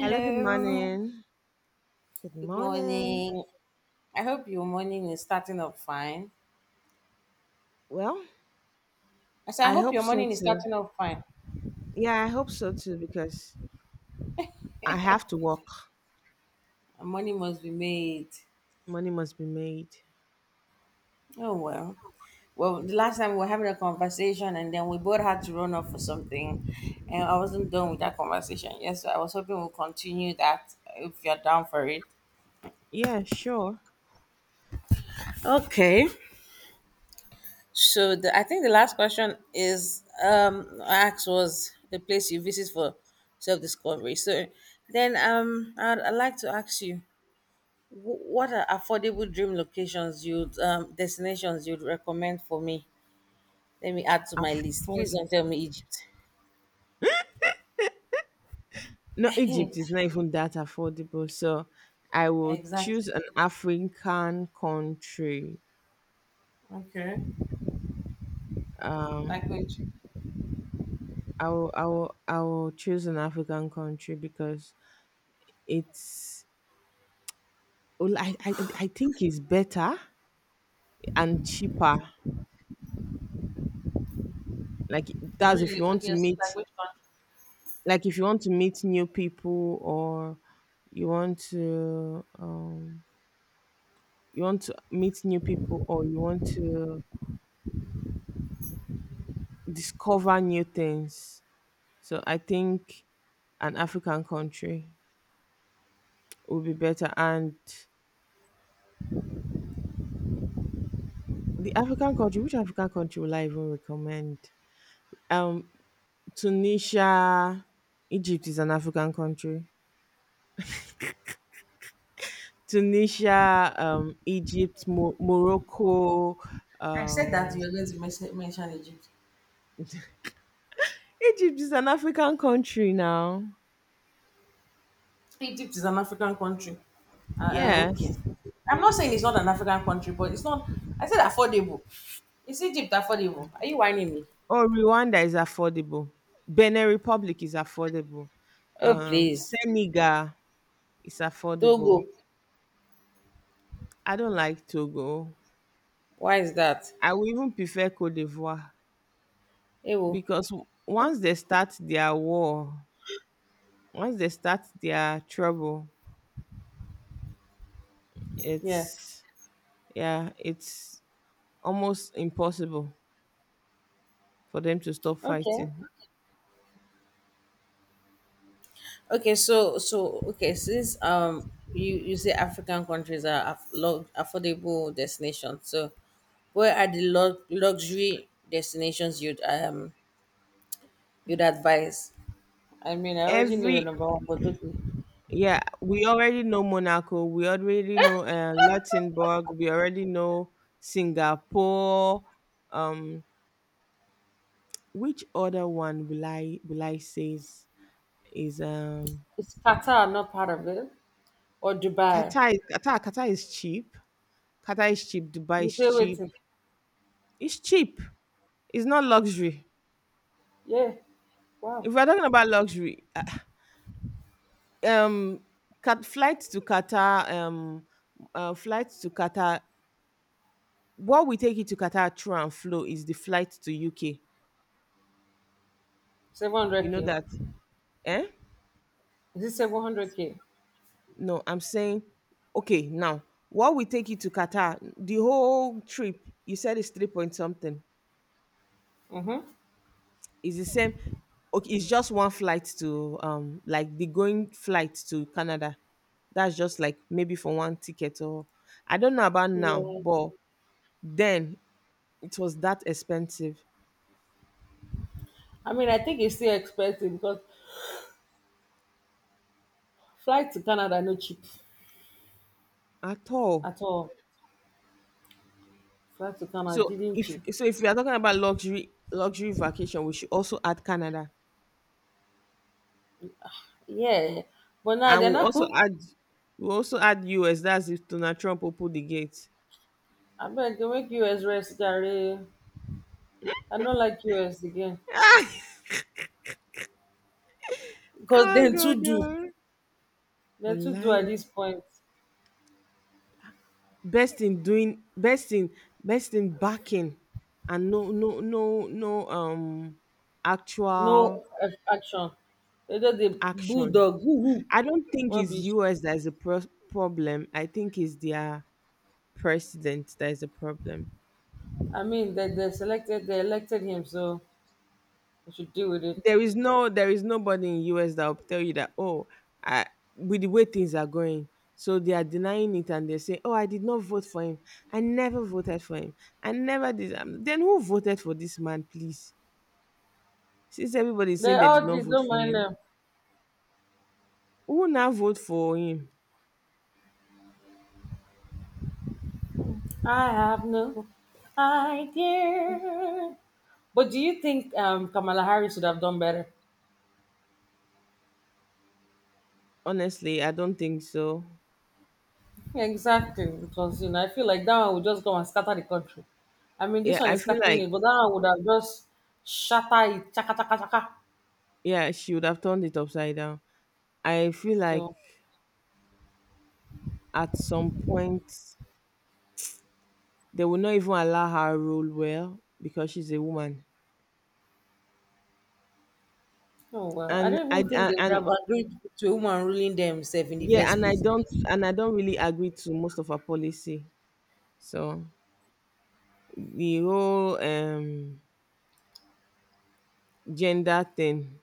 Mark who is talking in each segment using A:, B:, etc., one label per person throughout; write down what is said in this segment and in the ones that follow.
A: Hello, good morning. Good
B: Good
A: morning.
B: morning. I hope your morning is starting off fine.
A: Well,
B: I said, I
A: I
B: hope
A: hope
B: your
A: so
B: morning is
A: too.
B: starting off fine.
A: Yeah, I hope so too because I have to work.
B: A morning must be made.
A: Money must be made.
B: Oh, well. Well, the last time we were having a conversation and then we both had to run off for something. And I wasn't done with that conversation. Yes, so I was hoping we'll continue that if you're down for it.
A: Yeah, sure.
B: Okay. I think the last question is I asked was the place you visit for self discovery. So then I'd like to ask you what are affordable dream locations you'd destinations you'd recommend for me? Let me add to my list. Please
A: Afford.
B: don't tell me Egypt.
A: No, Egypt is not even that affordable. So I will
B: Exactly.
A: choose an African country.
B: Okay.
A: Um,
B: Like which?
A: I will choose an African country because it's, well, I think it's better and cheaper. Like that's if you
B: Really?
A: want to
B: Okay. So like
A: meet
B: which country?
A: like if you want to meet new people or you want to um you want to meet new people or you want to discover new things, so I think an African country would be better. And the African country, which African country will I even recommend? um Tunisia. Egypt is an African country. Tunisia, Egypt, Morocco,
B: I said that
A: um
B: you were going to mention Egypt.
A: Egypt is an African country now.
B: Egypt is an African country. Okay.
A: Yes.
B: I'm not saying it's not an African country, but it's not. I said affordable. Is Egypt affordable? Are you whining me?
A: Or Rwanda is affordable. Benin Republic is affordable.
B: Oh, please.
A: Senegal is
B: Togo.
A: affordable. I don't like Togo.
B: Why is that?
A: I would even prefer Cote d'Ivoire
B: Ewo.
A: because
B: Oh,
A: once they start their war, once they start their trouble,
B: yeah.
A: it's yeah, it's almost impossible for them to stop
B: Okay.
A: fighting.
B: Okay. Okay. Since, you say African countries are affordable destinations. So, where are the luxury destinations you'd advise? I mean, I already know your
A: Every
B: number one, but okay.
A: Yeah, we already know Monaco. We already know Luxembourg. We already know Singapore. Um, which other one will I say is, is um
B: Is Qatar not part of it? Or Dubai?
A: Qatar? Qatar is cheap. Qatar is cheap. Dubai
B: You
A: is
B: pay
A: cheap.
B: waiting.
A: It's cheap. It's not luxury.
B: Yeah. Wow.
A: If we're talking about luxury, um, cat flights to Qatar, flights to Qatar. What we take it to Qatar through and flow is the flight to UK. You know
B: 700K.
A: that? Eh?
B: Is it 700K?
A: No, I'm saying, okay, now what we take you to Qatar, the whole trip, you said it's 3 point something.
B: Mm-hmm.
A: It's the same. Okay, it's just one flight to like the going flight to Canada. That's just like maybe for one ticket or I don't know about now,
B: Yeah.
A: but then it was that expensive
B: I mean, I think it's still expensive because flight to Canada no cheap
A: at all.
B: at all. Flight to
A: So
B: Canada didn't cheap.
A: if we are talking about luxury vacation, we should also add Canada.
B: Yeah. But now
A: And
B: they're not.
A: we'll also add US. That's if Donald Trump opened the gate.
B: I beg they make US rest, Gary. I don't like US again. Because
A: Ah
B: then
A: God.
B: to do.
A: Oh.
B: Then to do at
A: Wallahi.
B: this point.
A: Best in doing, best in, best in backing and
B: No
A: actual
B: action. They just the
A: action.
B: bulldog. Woo-hoo.
A: I don't think
B: What
A: it's
B: be
A: US that is a problem. I think it's their president that is a problem.
B: I mean, they elected him, so we should deal with it.
A: There is no There is nobody in US that will tell you that, oh, I, with the way things are going, so they are denying it and they say, oh, I did not vote for him, I never voted for him, I never did, then who voted for this man, please, since everybody is saying
B: They
A: they did
B: all
A: not
B: did,
A: vote
B: don't
A: for
B: mind
A: him,
B: them.
A: who now vote for him?
B: I have no idea. But do you think Kamala Harris should have done better?
A: Honestly, I don't think so.
B: Exactly, because I feel like that one would just go and scatter the country. I mean, this
A: Yeah,
B: one
A: I
B: is
A: feel
B: scattering
A: like
B: it, but that one would have just shatter it, chaka chaka chaka.
A: yeah, she would have turned it upside down. I feel like
B: So,
A: at some point they will not even allow her rule well because she's a woman.
B: oh well, I
A: and
B: don't
A: I
B: even think
A: and,
B: they would
A: and
B: have agreed to a woman ruling themselves in the
A: yeah,
B: first place.
A: and I don't really agree to most of her policy. So the whole gender thing,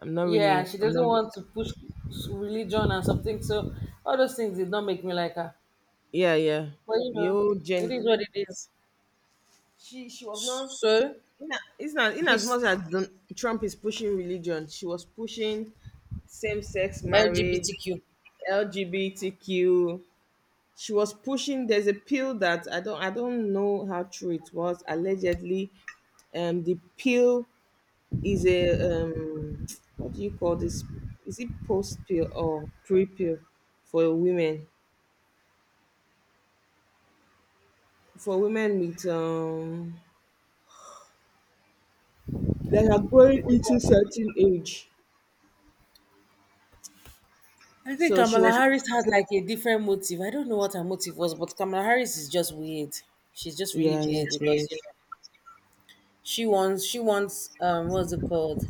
B: Yeah, she
A: I'm
B: doesn't
A: not.
B: want to push religion and something. So all those things did not make me like her.
A: Yeah, yeah.
B: But
A: The whole
B: it
A: gen,
B: is what it is.
A: she was not.
B: So
A: It's not in as
B: he's
A: much as Trump is pushing religion, she was pushing same-sex marriage,
B: LGBTQ.
A: LGBTQ. She was pushing. There's a pill that I don't know how true it was. Allegedly, the pill is a what do you call this? Is it post pill or pre pill for women? For women with that are growing into certain age.
B: I think
A: So she
B: Kamala
A: was
B: Harris had like a different motive. I don't know what her motive was, but Kamala Harris is just weird. She's just really
A: yeah, yeah,
B: weird
A: yes.
B: because she wants, what's it called?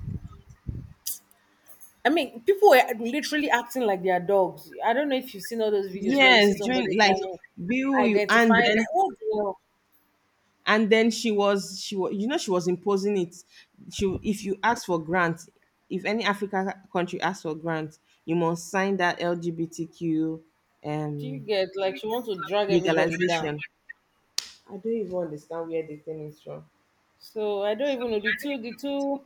B: I mean, people were literally acting like they are dogs. I don't know if you've seen all those videos where you see
A: Yes,
B: somebody
A: during like
B: crying,
A: bill you and
B: identifying
A: then
B: like what the hell?
A: she was, you know, she was imposing it. She, if you ask for grant, if any African country asks for grant, you must sign that LGBTQ
B: Do you
A: um
B: get, like, she wants to drag everybody down?
A: legalization. I don't even understand where the thing is from.
B: So I don't even know, the two the two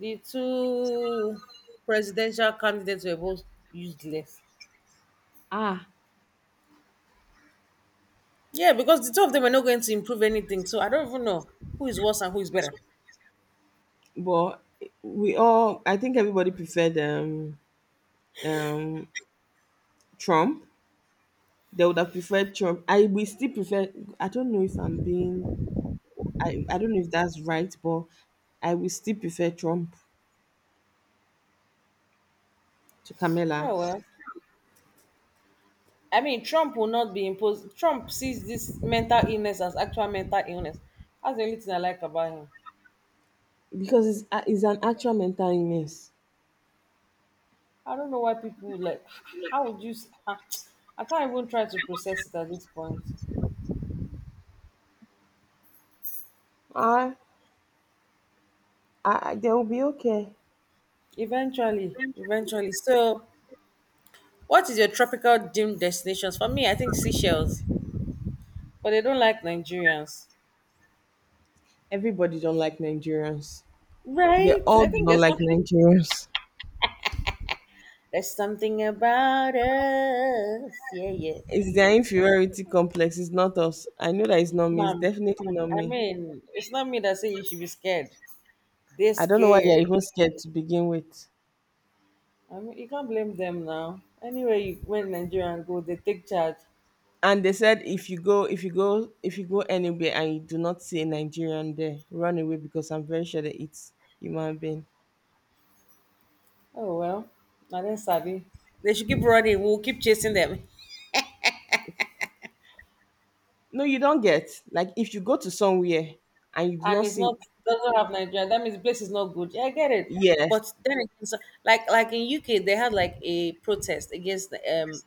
B: the two presidential candidates were both useless.
A: Ah,
B: Yeah, because the two of them are not going to improve anything, so I don't even know who is worse and who is better.
A: but I think everybody preferred um, Trump. They would have preferred Trump. I we still prefer, I don't know if I'm being, I don't know if that's right, but I will still prefer Trump to Camilla
B: Oh well, I mean, Trump will not be imposed. Trump sees this mental illness as actual mental illness. That's the only thing I like about him.
A: because it's an actual mental illness.
B: I don't know why people like, how would you? I I can't even try to process it at this point.
A: Ah, ah, they will be okay.
B: Eventually, so what is your tropical dream destinations? For me, I think Seychelles, but they don't like Nigerians.
A: Everybody don't like Nigerians. They
B: Right?
A: all
B: I
A: do
B: think
A: not
B: there's
A: like
B: something
A: Nigerians.
B: there's something about us. Yeah, yeah.
A: It's their inferiority complex. It's not us. I know that it's not me. It's
B: Mom,
A: definitely not
B: I
A: me.
B: mean, it's not me that say you should be scared. They're
A: I don't know why you're
B: scared.
A: even scared to begin with.
B: I mean, you can't blame them now. Anyway, when Nigerians go, they take charge.
A: And they said if you go anywhere and you do not see a Nigerian there, run away because I'm very sure they eat human being.
B: Oh well, now then, savvy. They should keep running. We'll keep chasing them.
A: No, you don't get. Like if you go to somewhere and you do
B: And
A: not
B: it's
A: see,
B: not, doesn't have Nigeria, that means the place is not good. Yeah, I get it.
A: yes.
B: But then again, so, like in UK, they had like a protest against the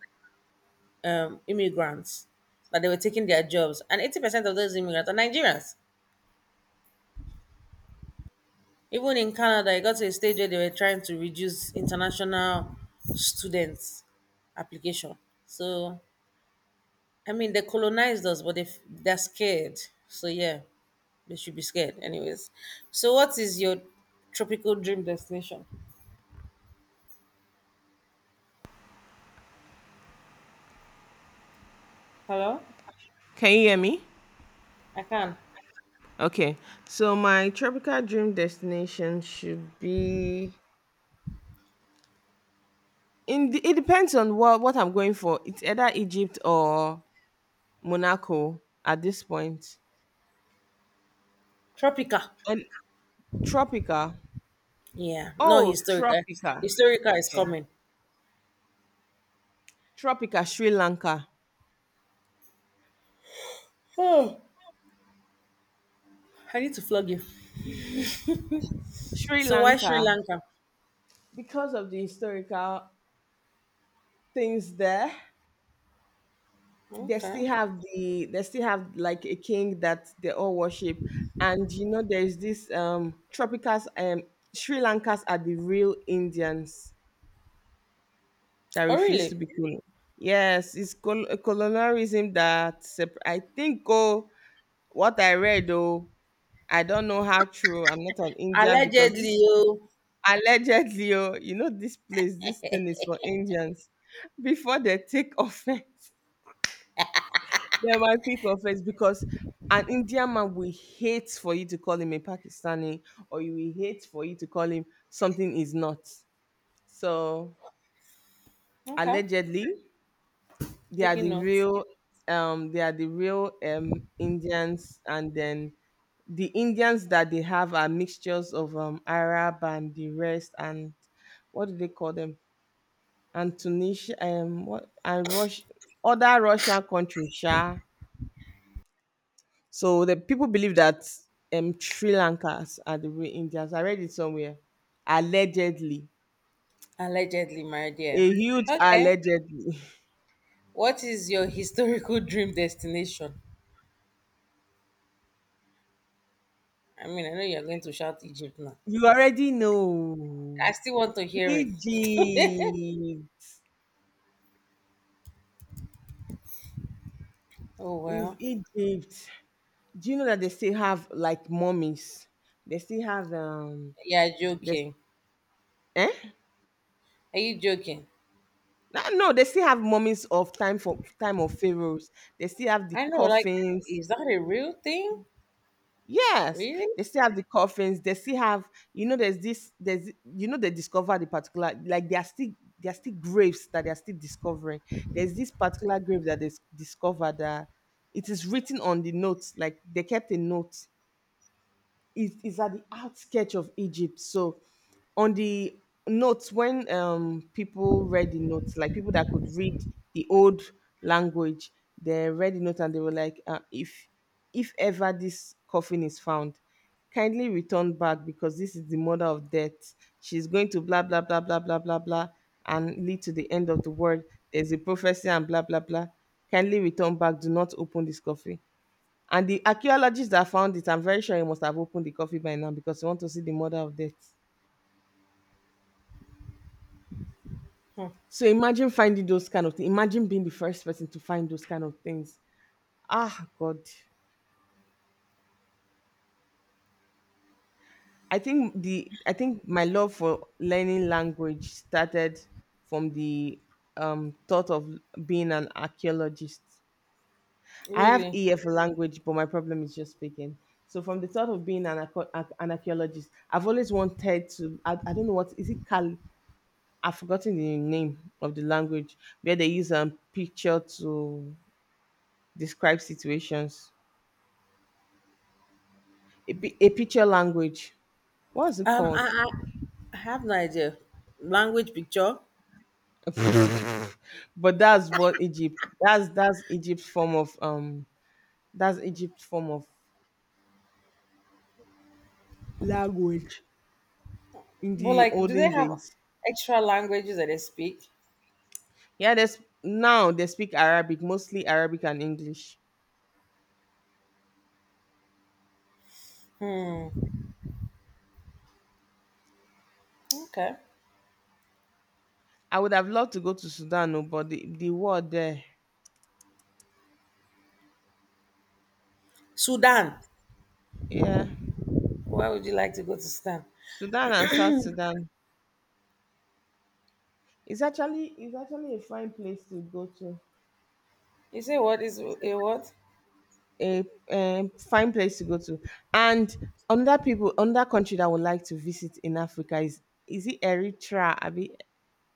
B: immigrants that they were taking their jobs, and 80% of those immigrants are Nigerians. Even in Canada, it got to a stage where they were trying to reduce international students application. So I mean, they colonized us, but they're scared. So yeah, they should be scared, anyways. So what is your tropical dream destination? Hello?
A: Can you hear me?
B: I can.
A: Okay. So my tropical dream destination should be in. It depends on what I'm going for. It's either Egypt or Monaco at this point.
B: Tropica.
A: And Tropica.
B: Yeah, no,
A: Oh,
B: historical.
A: Tropica.
B: Historical is
A: Okay.
B: coming.
A: Tropica, Sri Lanka.
B: Oh, I need to flog you.
A: Sri
B: So why Sri
A: Lanka,
B: Lanka?
A: because of the historical things there,
B: Okay.
A: they still have like a king that they all worship. And you know, there's this Tropicas Sri Lankas are the real Indians that
B: Oh
A: refuse to
B: really?
A: be cool. Yes, it's colonialism that I think, oh, what I read though, I don't know how true. I'm not on India because this
B: Allegedly, oh.
A: allegedly, oh, you know, this place, this thing is for Indians. Before they take offense, they might take offense because an Indian man will hate for you to call him a Pakistani, or you will hate for you to call him something is not. So
B: Okay.
A: allegedly, they are
B: Taking
A: the
B: notes.
A: real, they are the real Indians, and then the Indians that they have are mixtures of Arab and the rest, and what do they call them? And Tunisia, what, and Russia, other Russian countries, sha. So the people believe that Sri Lankas are the real Indians. I read it somewhere, allegedly,
B: Allegedly, my dear.
A: a huge
B: Okay.
A: allegedly.
B: What is your historical dream destination? I mean, I know you're going to shout Egypt now.
A: You already
B: I
A: know
B: still want to hear it.
A: Egypt
B: Oh
A: is
B: well.
A: Egypt. Do you know that they still have like mummies? They still have
B: Yeah,
A: There's,
B: joking.
A: eh?
B: Are you joking?
A: Ah, no, they still have moments of time for time of pharaohs. They still have the
B: I know, like,
A: coffins.
B: is that a real thing?
A: Yes,
B: Really?
A: they still have the coffins. They still have, you know, you know, they discover the particular, like they are still, there are still graves that they are still discovering. There's this particular grave that they discovered that it is written on the notes, like they kept a note is at the outskirts of Egypt. So on the notes, when people read the notes, like people that could read the old language, they read the note and they were like, if ever this coffin is found, kindly return back because this is the mother of death. She's going to blah blah blah blah blah blah blah and lead to the end of the world. There's a prophecy and blah blah blah. Kindly return back. Do not open this coffin. And the archaeologists that found it, I'm very sure he must have opened the coffee by now because he want to see the mother of death.
B: Hmm,
A: So imagine finding those kind of things. Imagine being the first person to find those kind of things. Ah, God. I think my love for learning language started from the thought of being an archaeologist. I have
B: really?
A: ear for language, but my problem is just speaking. So from the thought of being an, an archaeologist, I've always wanted to. I don't know what is it. I've forgotten the name of the language where they use a picture to describe situations. A picture language. What's it
B: Um, I,
A: called?
B: I I have no idea. Language picture?
A: But that's what Egypt. That's Egypt's form of That's Egypt's form of language in
B: But
A: the
B: like, do
A: olden
B: they have
A: days.
B: extra languages that they speak?
A: Yeah, there's now they speak Arabic, mostly Arabic and English.
B: Hmm. Okay.
A: I would have loved to go to Sudan, oh, but the war there.
B: Sudan.
A: Yeah.
B: Why would you like to go to Sudan?
A: Sudan and South Sudan. It's actually a fine place to go to.
B: You say what is a what?
A: A fine place to go to. And another country that I would like to visit in Africa is it Eritrea? I mean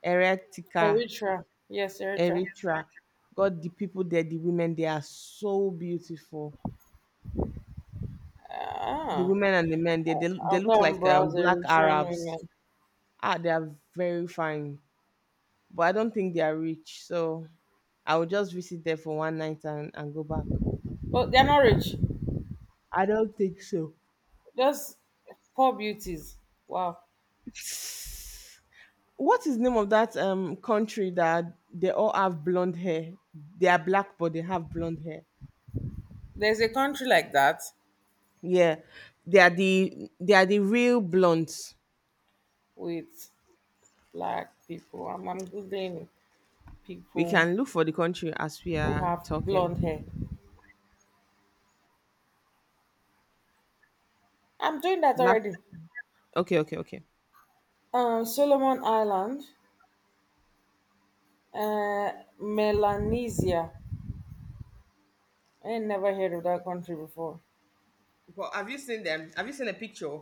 A: Eretica,
B: Eritrea. Yes, Eritrea.
A: Eritrea. God, the people there, the women, they are so beautiful. The
B: Ah,
A: women and the men, they
B: I'll
A: look
B: go and
A: like
B: browse
A: black
B: Eritrean
A: Arabs.
B: women.
A: Ah, they are very fine. But I don't think they are rich. So I will just visit there for one night and go back.
B: But they're not rich.
A: I don't think so.
B: Just poor beauties. Wow.
A: What is the name of that country that they all have blonde hair? They are black, but they have blonde hair.
B: There's a country like that
A: Yeah, they are the real blondes.
B: with black people. I'm googling it.
A: We
B: People
A: can look for the country as we
B: who
A: are
B: have
A: talking.
B: blonde hair. I'm doing that
A: Black.
B: already.
A: Okay, okay, okay.
B: Solomon Island, uh, Melanesia. I ain't never heard of that country before.
A: But have you seen them? Have you seen a picture?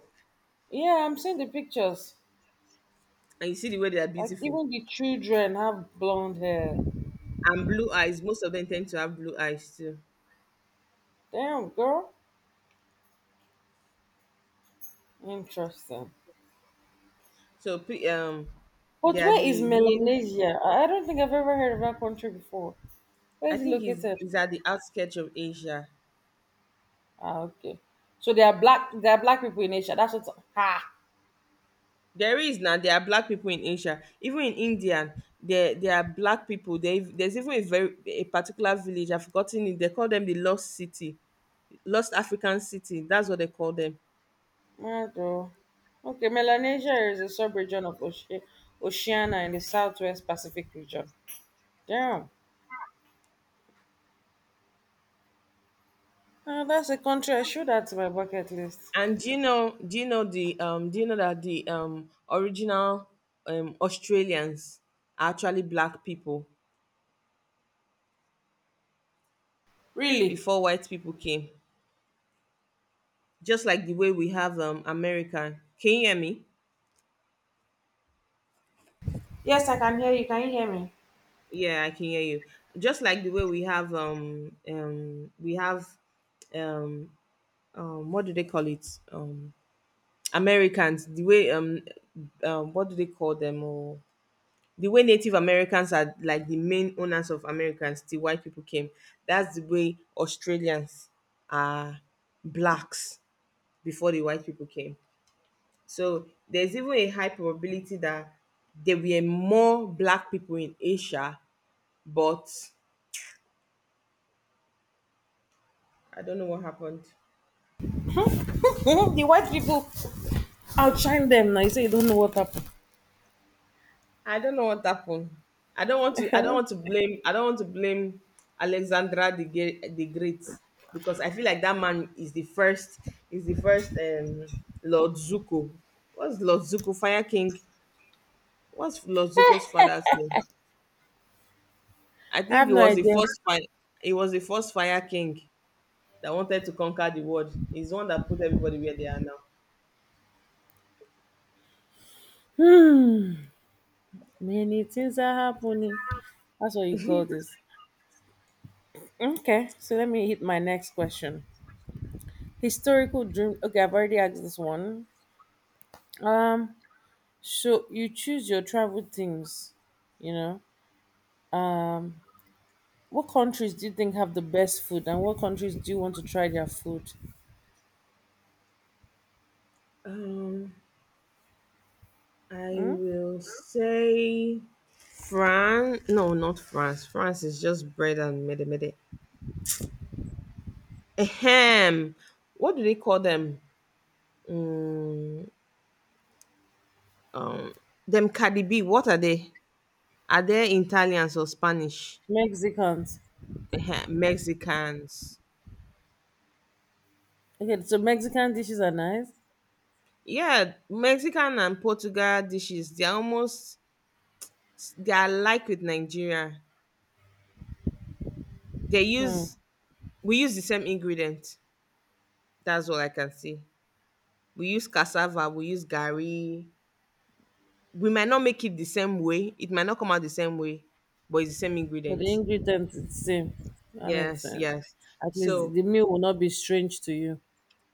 B: Yeah, I'm seeing the pictures.
A: And you see the way they are
B: Like
A: beautiful
B: even the children have blonde hair.
A: and blue eyes. Most of them tend to have blue eyes too.
B: Damn, girl. Interesting.
A: So pe- um, they
B: But
A: are
B: where is
A: the real.
B: Melanesia? I don't think I've ever heard of that country before. Where
A: I
B: is it
A: think is
B: located?
A: is at the outskirts of Asia.
B: Ah, okay. So there are black people in Asia. That's what. Ha!
A: There is now. There are black people in Asia. Even in India, there are black people. There's even a very a particular village. I've forgotten it. They call them the Lost City, Lost African City. That's what they call them.
B: Mado. Okay, Melanesia is a sub-region of Oceania in the Southwest Pacific region. Damn. Ah, that's a country I should add to my bucket list.
A: And do you know? Do you know the um? Do you know that the original Australians are actually black people
B: Really?
A: before white people came? Just like the way we have America. Can you hear me?
B: Yes, I can hear you. Can you hear me?
A: Yeah, I can hear you. Just like the way we have um what do they call it um americans, the way what do they call them, or the way native americans are like the main owners of americans, the white people came. That's the way australians are blacks before the white people came. So there's even a high probability that there were more black people in asia, but I don't know what happened.
B: The white people outshine them now. You say you don't know what happened.
A: I don't know what happened. I don't want to. I don't want to blame. I don't want to blame Alexandra the Great because I feel like that man is the first. Is the first Lord Zuko. What's Lord Zuko? Fire King. What's Lord Zuko's father's name? I
B: I
A: think
B: have
A: it
B: no
A: was the
B: idea.
A: first fire. It was the first Fire King that wanted to conquer the world. He's the one that put everybody where they are now.
B: Hmm. Many things are happening. That's what you call this. Okay, so let me hit my next question. Historical dream. Okay, I've already asked this one. Um, So you choose your travel things, you know. What countries do you think have the best food and what countries do you want to try their food?
A: Um, I will say France. No, not France. France is just bread and mede mede. Ahem. What do they call them? Um, them Cardi B. What are they? Are they Italians or Spanish?
B: Mexicans.
A: Ahem. Mexicans.
B: Okay, so Mexican dishes are nice.
A: Yeah, Mexican and Portugal dishes. They're almost they are like with Nigeria. They
B: Hmm.
A: use we use the same ingredient. That's all I can say. We use cassava. We use gari. We might not make it the same way. It might not come out the same way, but it's the same
B: But the
A: ingredient.
B: ingredients it's the same. That makes
A: Yes,
B: sense.
A: yes.
B: At least
A: So
B: the meal will not be strange to you.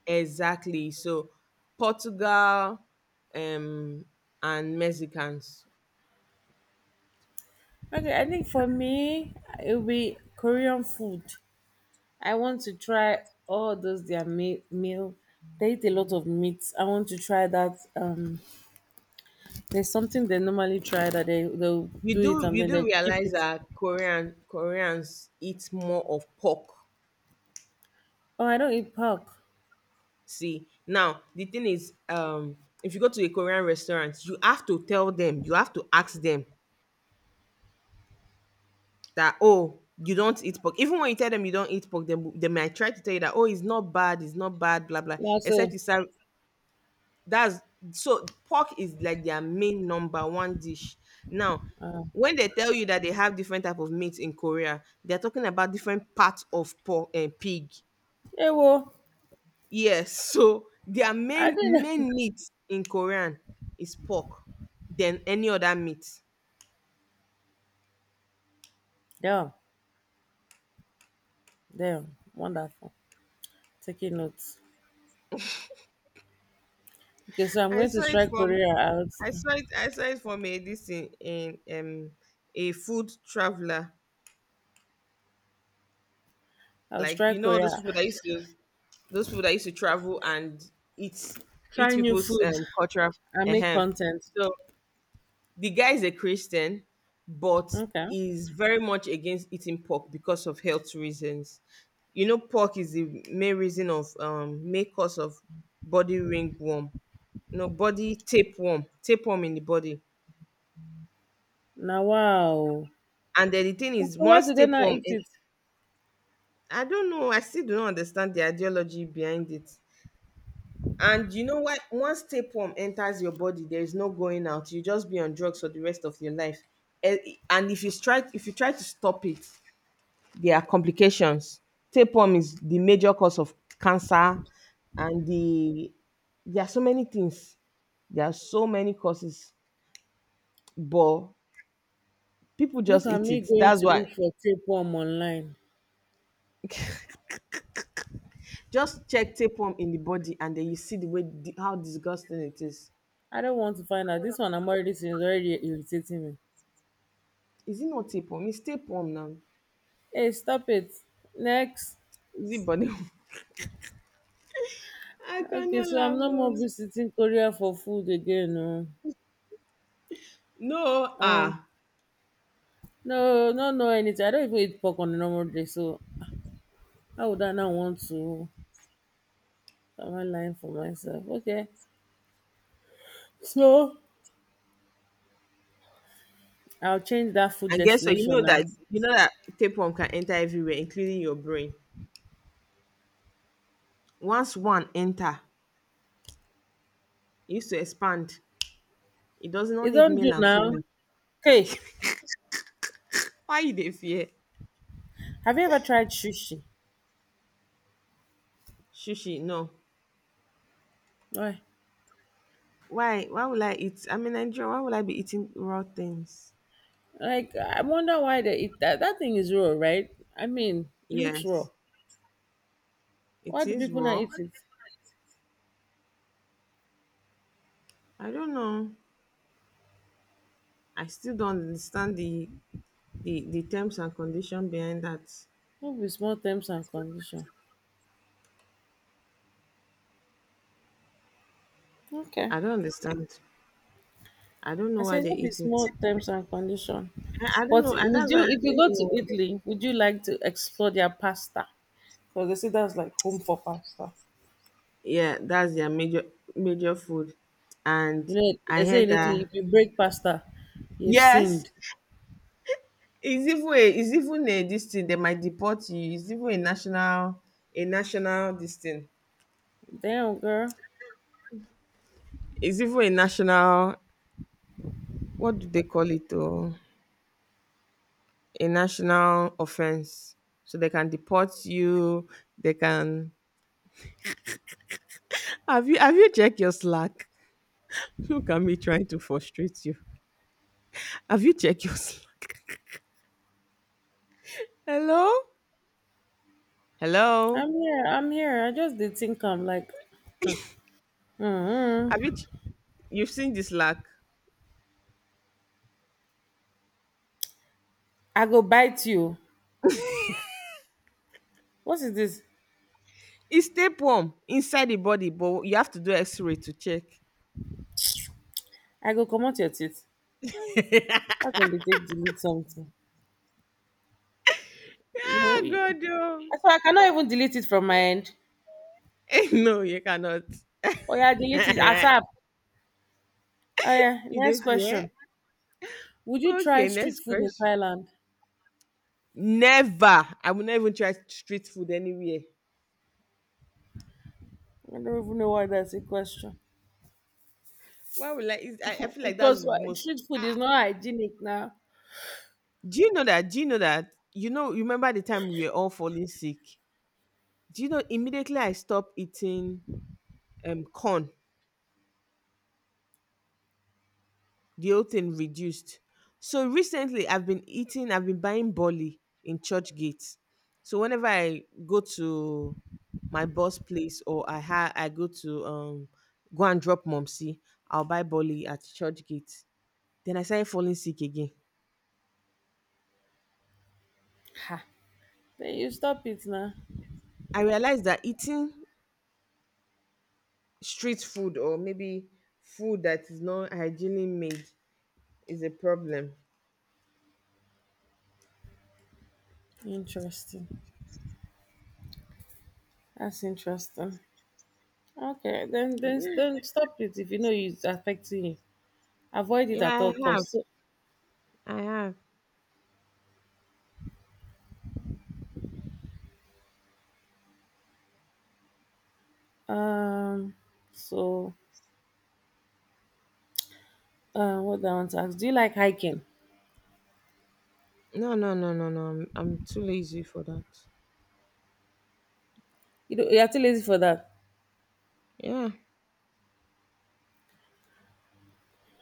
A: exactly. So Portugal um and Mexicans.
B: Okay, I think for me it'll be Korean food. I want to try all those their meal. They eat a lot of meat. I want to try that. There's something they normally try that they'll do it and
A: You
B: then
A: do
B: they keep
A: realize
B: it.
A: that Koreans eat more of pork.
B: Oh, I don't eat pork.
A: See, now the thing is, if you go to a Korean restaurant, you have to tell them, you have to ask them that, oh, you don't eat pork. Even when you tell them you don't eat pork, they might try to tell you that, oh, it's not bad, blah blah.
B: Yeah,
A: Except
B: so
A: you serve, that's, so pork is like their main number one dish now. When they tell you that they have different type of meat in Korea, they're talking about different parts of pork and pig.
B: hey, well,
A: Yes. So their
B: I
A: main
B: didn't.
A: main meat in Korean is pork than any other meat.
B: Yeah, damn, wonderful. Taking notes. Okay, so I'm
A: i
B: going to
A: saw it
B: strike
A: from
B: Korea out.
A: I saw it from a this in, in a food traveler,
B: I'll
A: like you
B: strike
A: know all those
B: Korea.
A: people that used to, those people that used to travel and eat eat
B: Try new
A: people's
B: food
A: cultural.
B: and make
A: uh
B: content.
A: So the guy is a Christian, but
B: Okay.
A: is very much against eating pork because of health reasons. You know, pork is the main reason of main cause of body ringworm. No, body tapeworm, tapeworm in the body.
B: Now, wow.
A: And then the thing
B: So
A: is,
B: why
A: once
B: do they not
A: tapeworm,
B: eat it?
A: I don't know. I still do not understand the ideology behind it. And you know what? Once tapeworm enters your body, there is no going out. You just be on drugs for the rest of your life. Eh, and if you try to stop it, there are complications. Tapeworm is the major cause of cancer, and there are so many things. There are so many causes, but people
B: Look
A: just
B: at
A: eat
B: me
A: it.
B: going
A: That's
B: to
A: why.
B: look for tapeworm online.
A: Just check tapeworm in the body, and then you see the way how disgusting it is.
B: I don't want to find out. This one I'm already seeing is already irritating me.
A: Is it not tapeworm? It's tapeworm now.
B: Hey, stop it. Next.
A: Is it body? I
B: Okay,
A: cannot
B: so I'm
A: laugh,
B: not
A: oh.
B: more visiting Korea for food again. No,
A: No,
B: uh,
A: ah,
B: no, no, no, anything. I don't even eat pork on a normal day, so how would I now want to? Am I lying for myself? Okay, so I'll change that food
A: I guess so.
B: destination now.
A: You know that tapeworm can enter everywhere, including your brain. Once one enter, it used to expand. It does not
B: You
A: need
B: don't
A: male
B: do
A: and
B: now.
A: female.
B: Hey,
A: Why you dey fear?
B: have you ever tried sushi?
A: Shushi, no.
B: Why?
A: Why? Why would I eat? I mean, Nigeria. Why would I be eating raw things?
B: Like, I wonder why they eat that. That thing is raw, right? I mean, it looks raw.
A: Yes, it
B: Why do
A: is
B: people not
A: raw.
B: eat it?
A: I don't know. I still don't understand the terms and condition behind that.
B: Maybe small terms and condition. Okay.
A: I don't understand. I don't know
B: I
A: why
B: said
A: they
B: no be
A: eat it.
B: small terms and condition.
A: I don't
B: But
A: know, and
B: would
A: that's why
B: you,
A: I
B: if
A: don't
B: you go
A: even know.
B: to
A: What they-
B: Italy, would you like to explore their pasta? Because they say that's like home for pasta.
A: yeah, that's their major major food, and
B: You know,
A: I
B: they say
A: heard
B: in Italy,
A: that
B: if you break pasta, you've
A: yes,
B: sinned.
A: it's even a this thing, they might deport you. It's even a national this thing.
B: Damn, girl,
A: It's even a national what do they call it? Oh, a national offense. So they can deport you. They can. Have you checked your Slack? Look at me trying to frustrate you. Have you checked your Slack? Hello. Hello.
B: I'm here. I'm here. I just did think I'm like,
A: Have you
B: mm
A: ch- you've seen this lack?
B: I go bite you. What is this?
A: It's tapeworm inside the body, but you have to do X-ray to check.
B: I go come out your teeth. How can they take delete something?
A: Ah,
B: You, you.
A: God, oh.
B: So I cannot even delete it from my end.
A: No, you cannot.
B: Oh yeah, delete it. ASAP. Oh yeah.
A: You
B: Next
A: did fear?
B: question. Would you try
A: Okay,
B: street
A: next
B: food in
A: question.
B: Thailand?
A: Never. I will not even try street food anywhere.
B: I don't even know why that's a question.
A: Why would I? It's- I feel like that's
B: Because
A: the most.
B: street food is
A: Ah.
B: not hygienic now.
A: Do you know that? Do you know that? You know, you remember the time we were all falling sick? Do you know? Immediately I stopped eating corn, the whole thing reduced. So recently, I've been buying bali in church gates. So whenever I go to my boss place, or I go to go and drop momsi, I'll buy bali at church gates. Then I started falling sick again.
B: Ha. Then you stop it now.
A: I realized that eating street food, or maybe food that is not hygienically made, is a problem.
B: Interesting. That's interesting. Okay, then stop it if you know it's affecting you. Avoid it at
A: Yeah,
B: all
A: I have.
B: costs. So,
A: I have.
B: um, so what do I want to ask? Do you like hiking?
A: No, no, no, no, no. I'm too lazy for that.
B: You know, you're too lazy for that.
A: Yeah.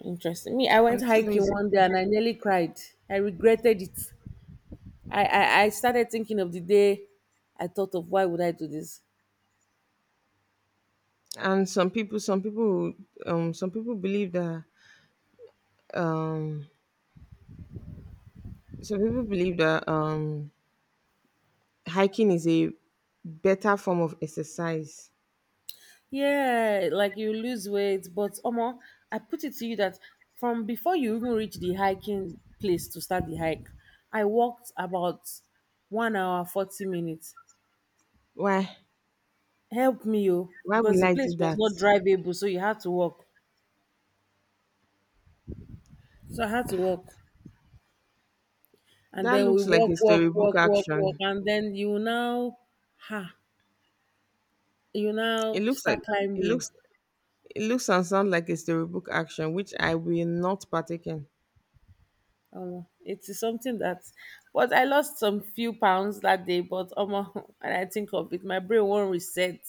B: Interesting. Me, I
A: And
B: went
A: still
B: hiking
A: is.
B: one day and I nearly cried. I regretted it. I started thinking of the day I thought of why would I do this?
A: And some people believe that um some people believe that um hiking is a better form of exercise.
B: Yeah, like you lose weight, but Omo, I put it to you that from before you even reach the hiking place to start the hike, I walked about 1 hour 40 minutes.
A: Why?
B: Help me, yo,
A: Why
B: because
A: will
B: the
A: I do
B: place was
A: that?
B: not drivable, so you had to walk. So I had to walk, and
A: That
B: then we
A: looks like a
B: walk, walk,
A: storybook
B: walk, walk, walk,
A: action.
B: and then you now, ha, you
A: it
B: now
A: looks like
B: start
A: it
B: climbing.
A: looks it looks and sounds like a storybook action which I will not partake in.
B: It is something that, but I lost some few pounds that day. But when I think of it, my brain won't reset.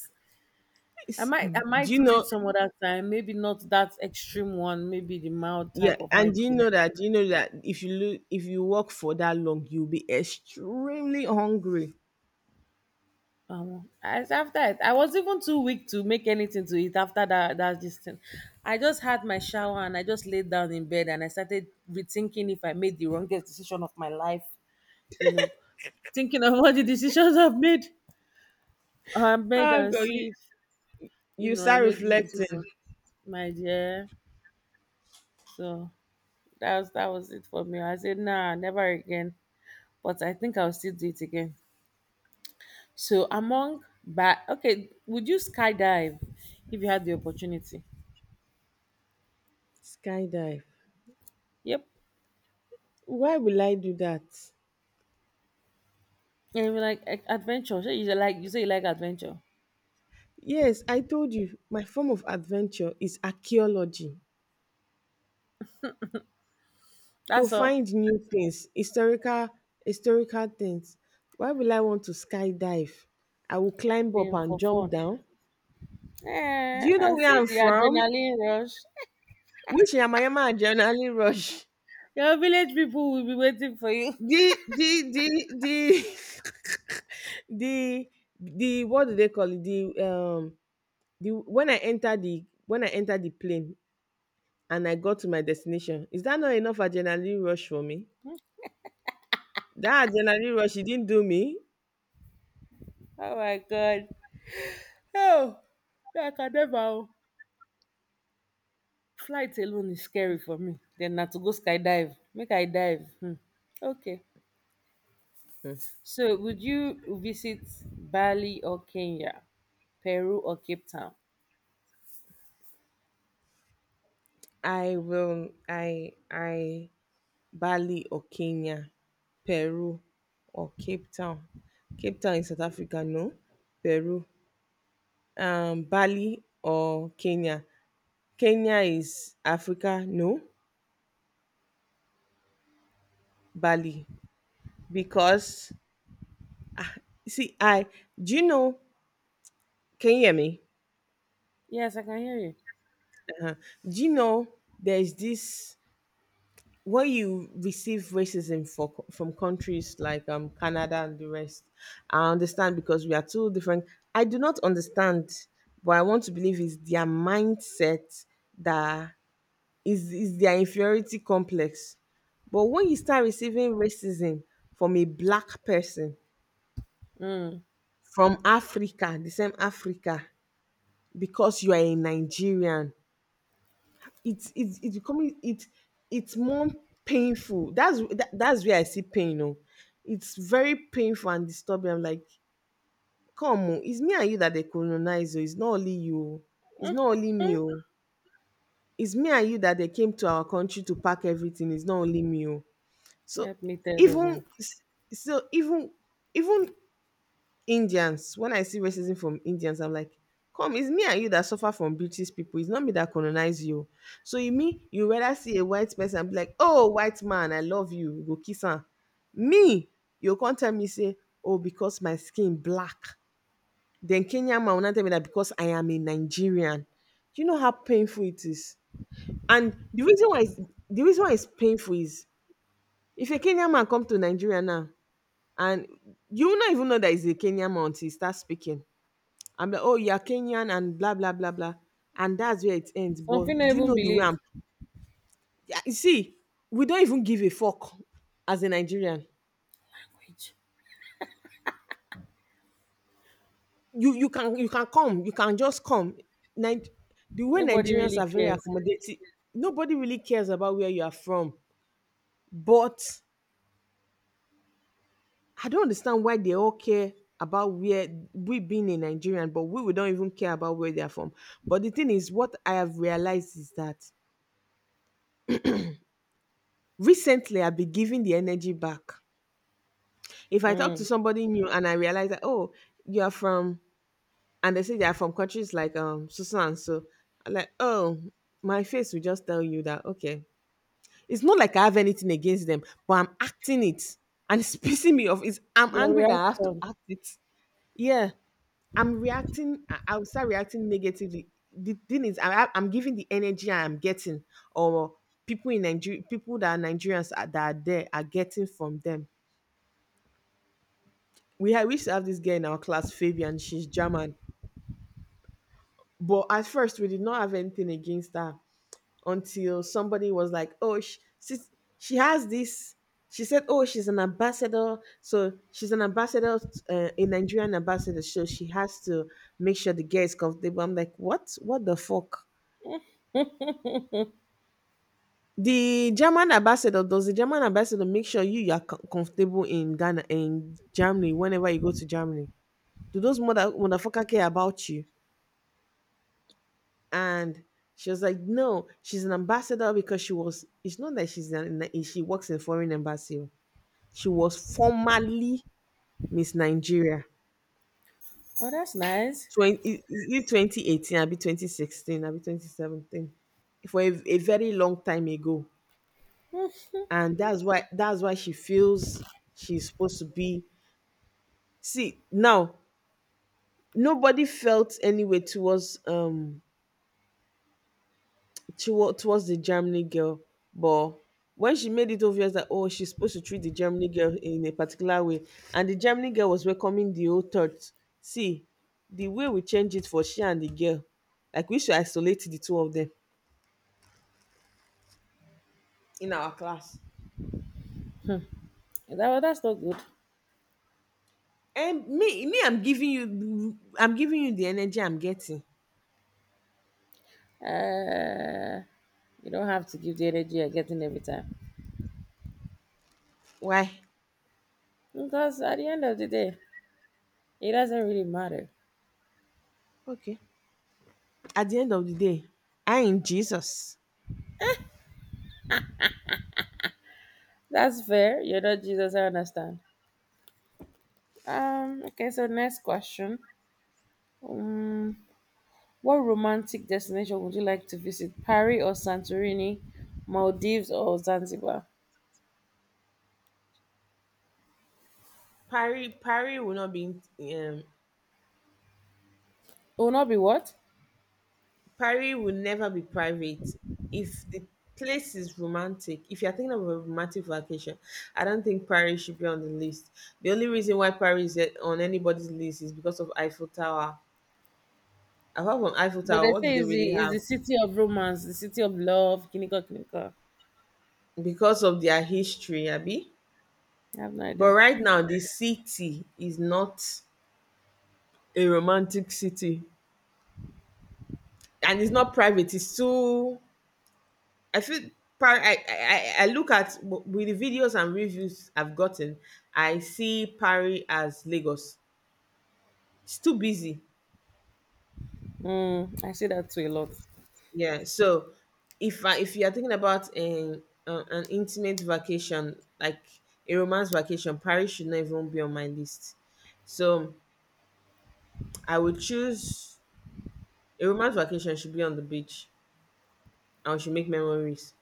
B: I
A: It's-
B: might, I
A: do you
B: might do
A: know,
B: it some other time. Maybe not that extreme one. Maybe the mild
A: yeah,
B: type of
A: and do you
B: hiking.
A: know that, if you look if you walk for that long you'll be extremely hungry.
B: As after it, I was even too weak to make anything to eat after that. That this thing, I just had my shower and I just laid down in bed and I started rethinking if I made the wrongest decision of my life. You know, thinking of all the decisions I've made. I made
A: Oh
B: and
A: God, you,
B: see. you
A: You
B: know, I
A: start
B: made this
A: reflecting.
B: decision, my dear. So that was it for me. I said, nah, never again. But I think I'll still do it again. So among but okay, would you skydive if you had the opportunity?
A: Skydive.
B: Yep.
A: Why will I do that?
B: And you like adventure. So you say like you say you like adventure.
A: Yes, I told you, my form of adventure is archaeology. To
B: That's all.
A: find new things, historical things. Why will I want to skydive? I will climb up
B: Being
A: and
B: for
A: jump
B: fun.
A: down. Do
B: Eh,
A: you know
B: and
A: where
B: see
A: I'm
B: the
A: from?
B: adrenaline rush.
A: Which Yamayama and generally rush.
B: Your village people will be waiting for you.
A: The the the what do they call it? The the, when I entered, the when I entered the plane and I got to my destination, is that not enough adrenaline rush for me? That adrenaline rush it didn't do me.
B: Oh my God. Oh, yeah, I can never. Oh. Flight alone is scary for me. Then na to go skydive. Make I dive. Hmm. Okay.
A: Hmm.
B: So would you visit Bali or Kenya, Peru or Cape Town?
A: I will I Bali or Kenya, Peru or Cape Town. Cape Town in South Africa, no. Peru. Um, Bali or Kenya. Kenya is Africa, no. Bali. Because see, I, do you know, can you hear me?
B: Yes, I can hear you.
A: Do you know there's this, when you receive racism for, from countries like Canada and the rest? I understand because we are two different. I do not understand, but I want to believe is their mindset that is their inferiority complex. But when you start receiving racism from a black person
B: Mm.
A: from Africa, the same Africa, because you are a Nigerian, it's becoming it, it's more painful. That's where I see pain. You know, it's very painful and disturbing. I'm like, come on, it's me and you that they colonize, oh. It's not only you, oh. It's not only
B: Hmm.
A: me, oh. It's me and you that they came to our country to pack everything. It's not only me, oh. So
B: Help me tell them. Oh.
A: even so even even Indians, when I see racism from Indians, I'm like, come, it's me and you that suffer from British people. It's not me that colonize you. So you mean you rather see a white person and be like, oh, white man, I love you, you go kiss her. Me, you can't tell me say, oh, because my skin black. Then Kenyan man will not tell me that because I am a Nigerian. Do you know how painful it is? And the reason why it's painful is if a Kenyan man come to Nigeria now and you will not even know that he's a Kenyan man until he starts speaking. I'm like, oh, you're Kenyan and blah, blah, blah, blah. And that's where it ends. But
B: Something I
A: do you
B: even
A: know the way
B: believe.
A: I'm? Yeah, you see, we don't even give a fuck as a Nigerian.
B: Which
A: You can you can come, you can just come. Nig- the way
B: Nobody
A: Nigerians
B: really
A: are very
B: cares.
A: accommodating, nobody really cares about where you are from. But I don't understand why they all care about where we being a Nigerian, but we don't even care about where they are from. But the thing is, what I have realized is that recently I've been giving the energy back. If I talk to
B: Mm.
A: somebody new and I realize that, oh, you're from, and they say they're from countries like Susan, so I'm like, oh, my face will just tell you that okay. It's not like I have anything against them, but I'm acting it, and it's pissing me off. It's I'm
B: Your
A: angry that I have to
B: reaction.
A: act it. Yeah, I'm reacting. I'll start reacting negatively. The thing is, I'm giving the energy I'm getting, or people in Nigeria, people that are Nigerians are, that are there are getting from them. We had we used to have this girl in our class, Fabian. She's German, but at first we did not have anything against her until somebody was like, "Oh, she, she has this." She said, "Oh, she's an ambassador, so she's an ambassador, a Nigerian ambassador, so she has to make sure the girl is comfortable." I'm like, "What? What the fuck? The German ambassador, does the German ambassador make sure you are comfortable in Ghana, in Germany, whenever you go to Germany? Do those motherfucker care about you?" And she was like, no, she's an ambassador, because she was, it's not that she's an, she works in foreign embassy, oh. She was formerly Miss Nigeria
B: Oh, that's nice.
A: 20, is it 2018, I'll be 2016, I'll be 2017, for a very long time ago.
B: that
A: And that's why she feels she's supposed to be, see now, nobody felt any way towards she was towards the Germany girl, but when she made it obvious that, oh, she's supposed to treat the Germany girl in a particular way, and the Germany girl was welcoming the old thoughts. See, the way we change it for she and the girl, like we should isolate the two of them in our class.
B: Well, that's not good.
A: And me, I'm giving you the energy I'm getting.
B: Uh, you don't have to give the energy you're getting every time.
A: Why?
B: Because at the end of the day, it doesn't really matter.
A: Okay. At the end of the day, I in Jesus.
B: That's fair. You're not Jesus, I understand. Okay, so next question. Um, what romantic destination would you like to visit? Paris or Santorini, Maldives or Zanzibar?
A: Parry will not be um,
B: It will not be what?
A: Paris will never be private. If the place is romantic, if you're thinking of a romantic vacation, I don't think Paris should be on the list. The only reason why Paris is on anybody's list is because of Eiffel Tower. Apart from Eiffel
B: But
A: Tower,
B: they
A: what do
B: say
A: they
B: it's
A: really
B: the, it's
A: have?
B: the city of romance, the city of love, Kinika Kinika.
A: Because of their history, Abby.
B: I have no
A: But
B: idea.
A: right now, the city is not a romantic city. And it's not private, it's too, I feel, I look at with the videos and reviews I've gotten, I see Paris as Lagos. It's too busy.
B: Mm, I say that to a lot.
A: Yeah. So if you are thinking about an intimate vacation, like a romance vacation, Paris should not even be on my list. So I would choose a romance vacation should be on the beach and we should make memories.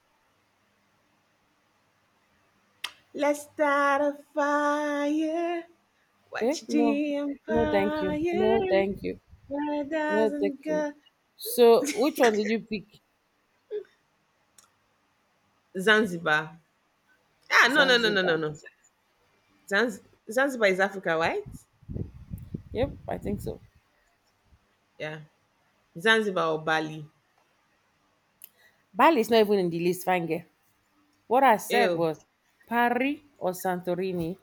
A: Let's start a fire.
B: Eh?
A: Watch
B: No.
A: the
B: No, thank you.
A: empire.
B: No, thank you.
A: Where
B: No, thank
A: doesn't
B: you.
A: go?
B: So, which one did you pick?
A: Zanzibar. Ah,
B: Zanzibar.
A: no. Zanz- Zanzibar is Africa, right?
B: Yep, I think so.
A: Yeah. Zanzibar or Bali.
B: Bali is not even in the list, fine girl. What I said
A: Ew,
B: was Paris or Santorini,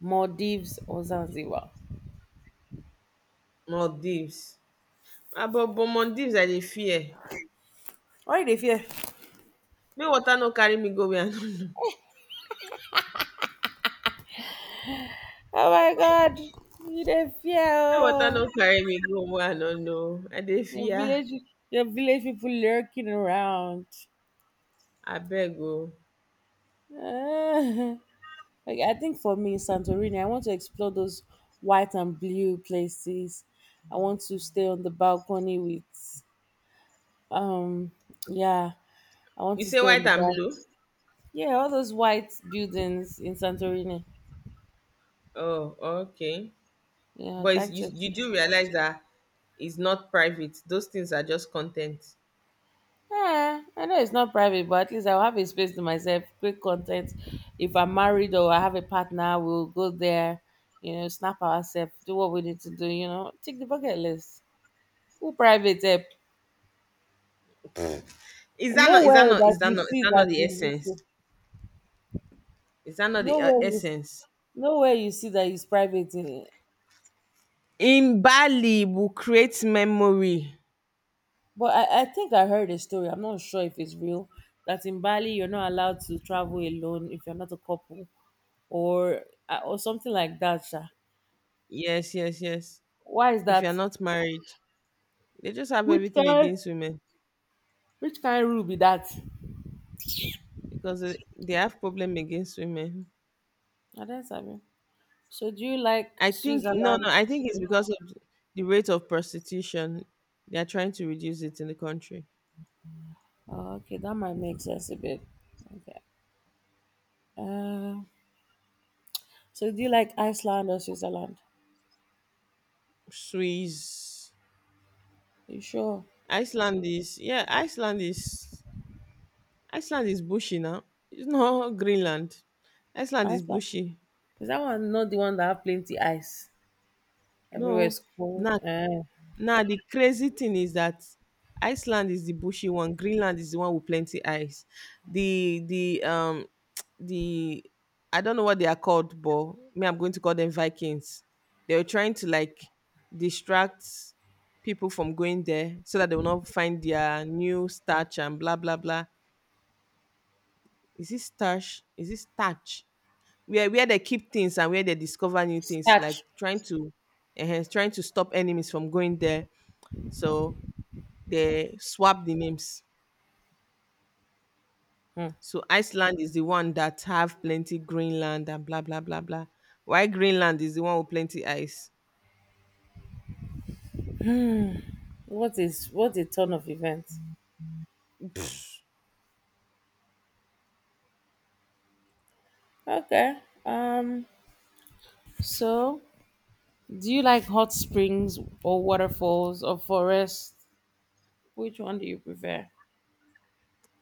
B: Maldives or Zanzibar.
A: Maldives. Ah, but Maldives I dey fear.
B: Why they fear?
A: May water no carry me go where I no know.
B: Oh my God, you they fear?
A: May water no
B: Oh.
A: carry me go where I no know. I dey
B: Your
A: fear.
B: village, your village people lurking around.
A: Abeg o.
B: Ah. Like I think for me, Santorini, I want to explore those white and blue places. I want to stay on the balcony with um yeah, I want
A: You
B: to
A: say
B: stay on
A: white
B: the
A: and
B: balcony.
A: blue?
B: Yeah, all those white buildings in Santorini.
A: Oh, okay.
B: Yeah, I'd
A: But it's,
B: like
A: you,
B: to.
A: you do realize that it's not private. Those things are just content.
B: Yeah, I know it's not private, but at least I'll have a space to myself. Great content. If I'm married or I have a partner, we'll go there, snap ourselves, do what we need to do, take the bucket list. Who private app?
A: Is that not? Is
B: Nowhere
A: that not? Is
B: that
A: that
B: you
A: not? Is
B: see
A: that not
B: that
A: the
B: in this,
A: essence?
B: thing.
A: Is that not the
B: nowhere you,
A: essence?
B: nowhere you see that it's private.
A: In Bali, will create memory.
B: But I think I heard a story. I'm not sure if it's real. That in Bali you're not allowed to travel alone if you're not a couple. or or something like that. Sha.
A: Yes, yes, yes.
B: Why is
A: If you're
B: that?
A: not married, they just have
B: Which
A: everything
B: kind?
A: against women
B: Which kind rule be that?
A: because they have problem against women.
B: I don't sabi. So do you like
A: I think no,
B: Switzerland?
A: no. I think it's
B: Okay.
A: because of the rate of prostitution. They are trying to reduce it in the country.
B: Oh, okay, that might make sense a bit. Okay. Uh, so do you like Iceland or Switzerland?
A: Swiss,
B: You sure?
A: Iceland is yeah. Iceland is bushy now. It's not Greenland. Iceland is
B: Iceland.
A: bushy.
B: Is that one not the one that have plenty ice? Everywhere
A: No,
B: is cold.
A: not,
B: Uh,
A: now the crazy thing is that Iceland is the bushy one, Greenland is the one with plenty ice. The the I don't know what they are called, but me I'm going to call them Vikings. They were trying to like distract people from going there so that they will not find their new starch and blah blah blah. Is it starch? Is it starch? Where they keep things and where they discover new things, like
B: starch.
A: trying to trying to stop enemies from going there. So they swap the names.
B: Hmm.
A: So Iceland is the one that have plenty Greenland and blah blah blah blah. Why Greenland is the one with plenty ice?
B: What is what a ton of events. Okay. Um. So do you like hot springs or waterfalls or forests? Which one do you prefer?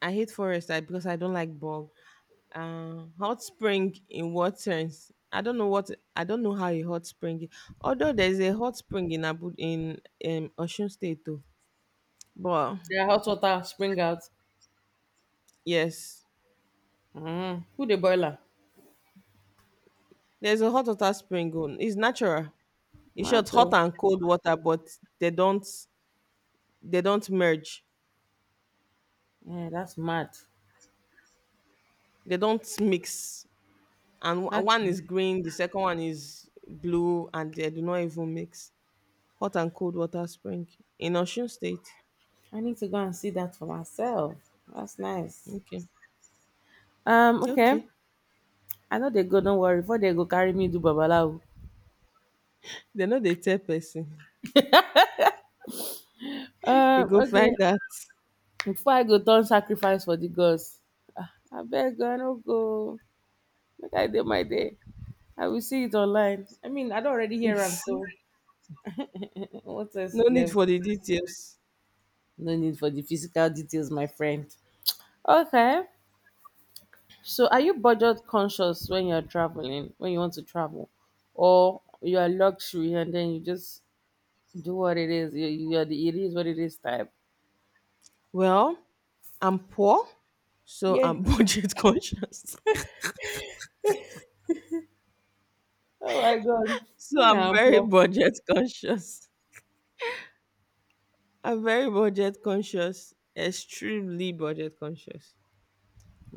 A: I hate forest I, because I don't like bog. Hot spring in what sense? I don't know how a hot spring. Although there's a hot spring in Abu in Ocean State too, but
B: Yeah, hot water spring out.
A: yes,
B: Mm. Who the boiler?
A: there's a hot water spring. On. It's natural. It's just
B: Mad
A: hot
B: though.
A: and cold water, but they don't they don't merge.
B: Yeah, that's mad.
A: They don't mix. And
B: That's
A: one is
B: nice.
A: green, the second one is blue, and they do not even mix. Hot and cold water spring in Osun State.
B: I need to go and see that for myself. That's nice.
A: Okay.
B: Okay.
A: Okay.
B: I know they go, don't worry. Before they go carry me do babalawo.
A: They know they tell person. You
B: Um,
A: go find
B: okay.
A: that.
B: Before I go turn sacrifice for the gods. I beg I no go. Make I do my day. I will see it online. I mean, I don't already
A: No
B: hear am so. What else is
A: need
B: left?
A: for the details.
B: No need for the physical details, my friend. Okay. So, are you budget conscious when you're traveling, when you want to travel, or you are luxury and then you just do what it is? You are the it is what it is type.
A: Well, I'm poor, so
B: Yeah.
A: I'm budget conscious.
B: Oh my God.
A: So
B: You
A: I'm
B: know,
A: very
B: bro.
A: budget conscious. I'm very budget conscious, extremely budget conscious.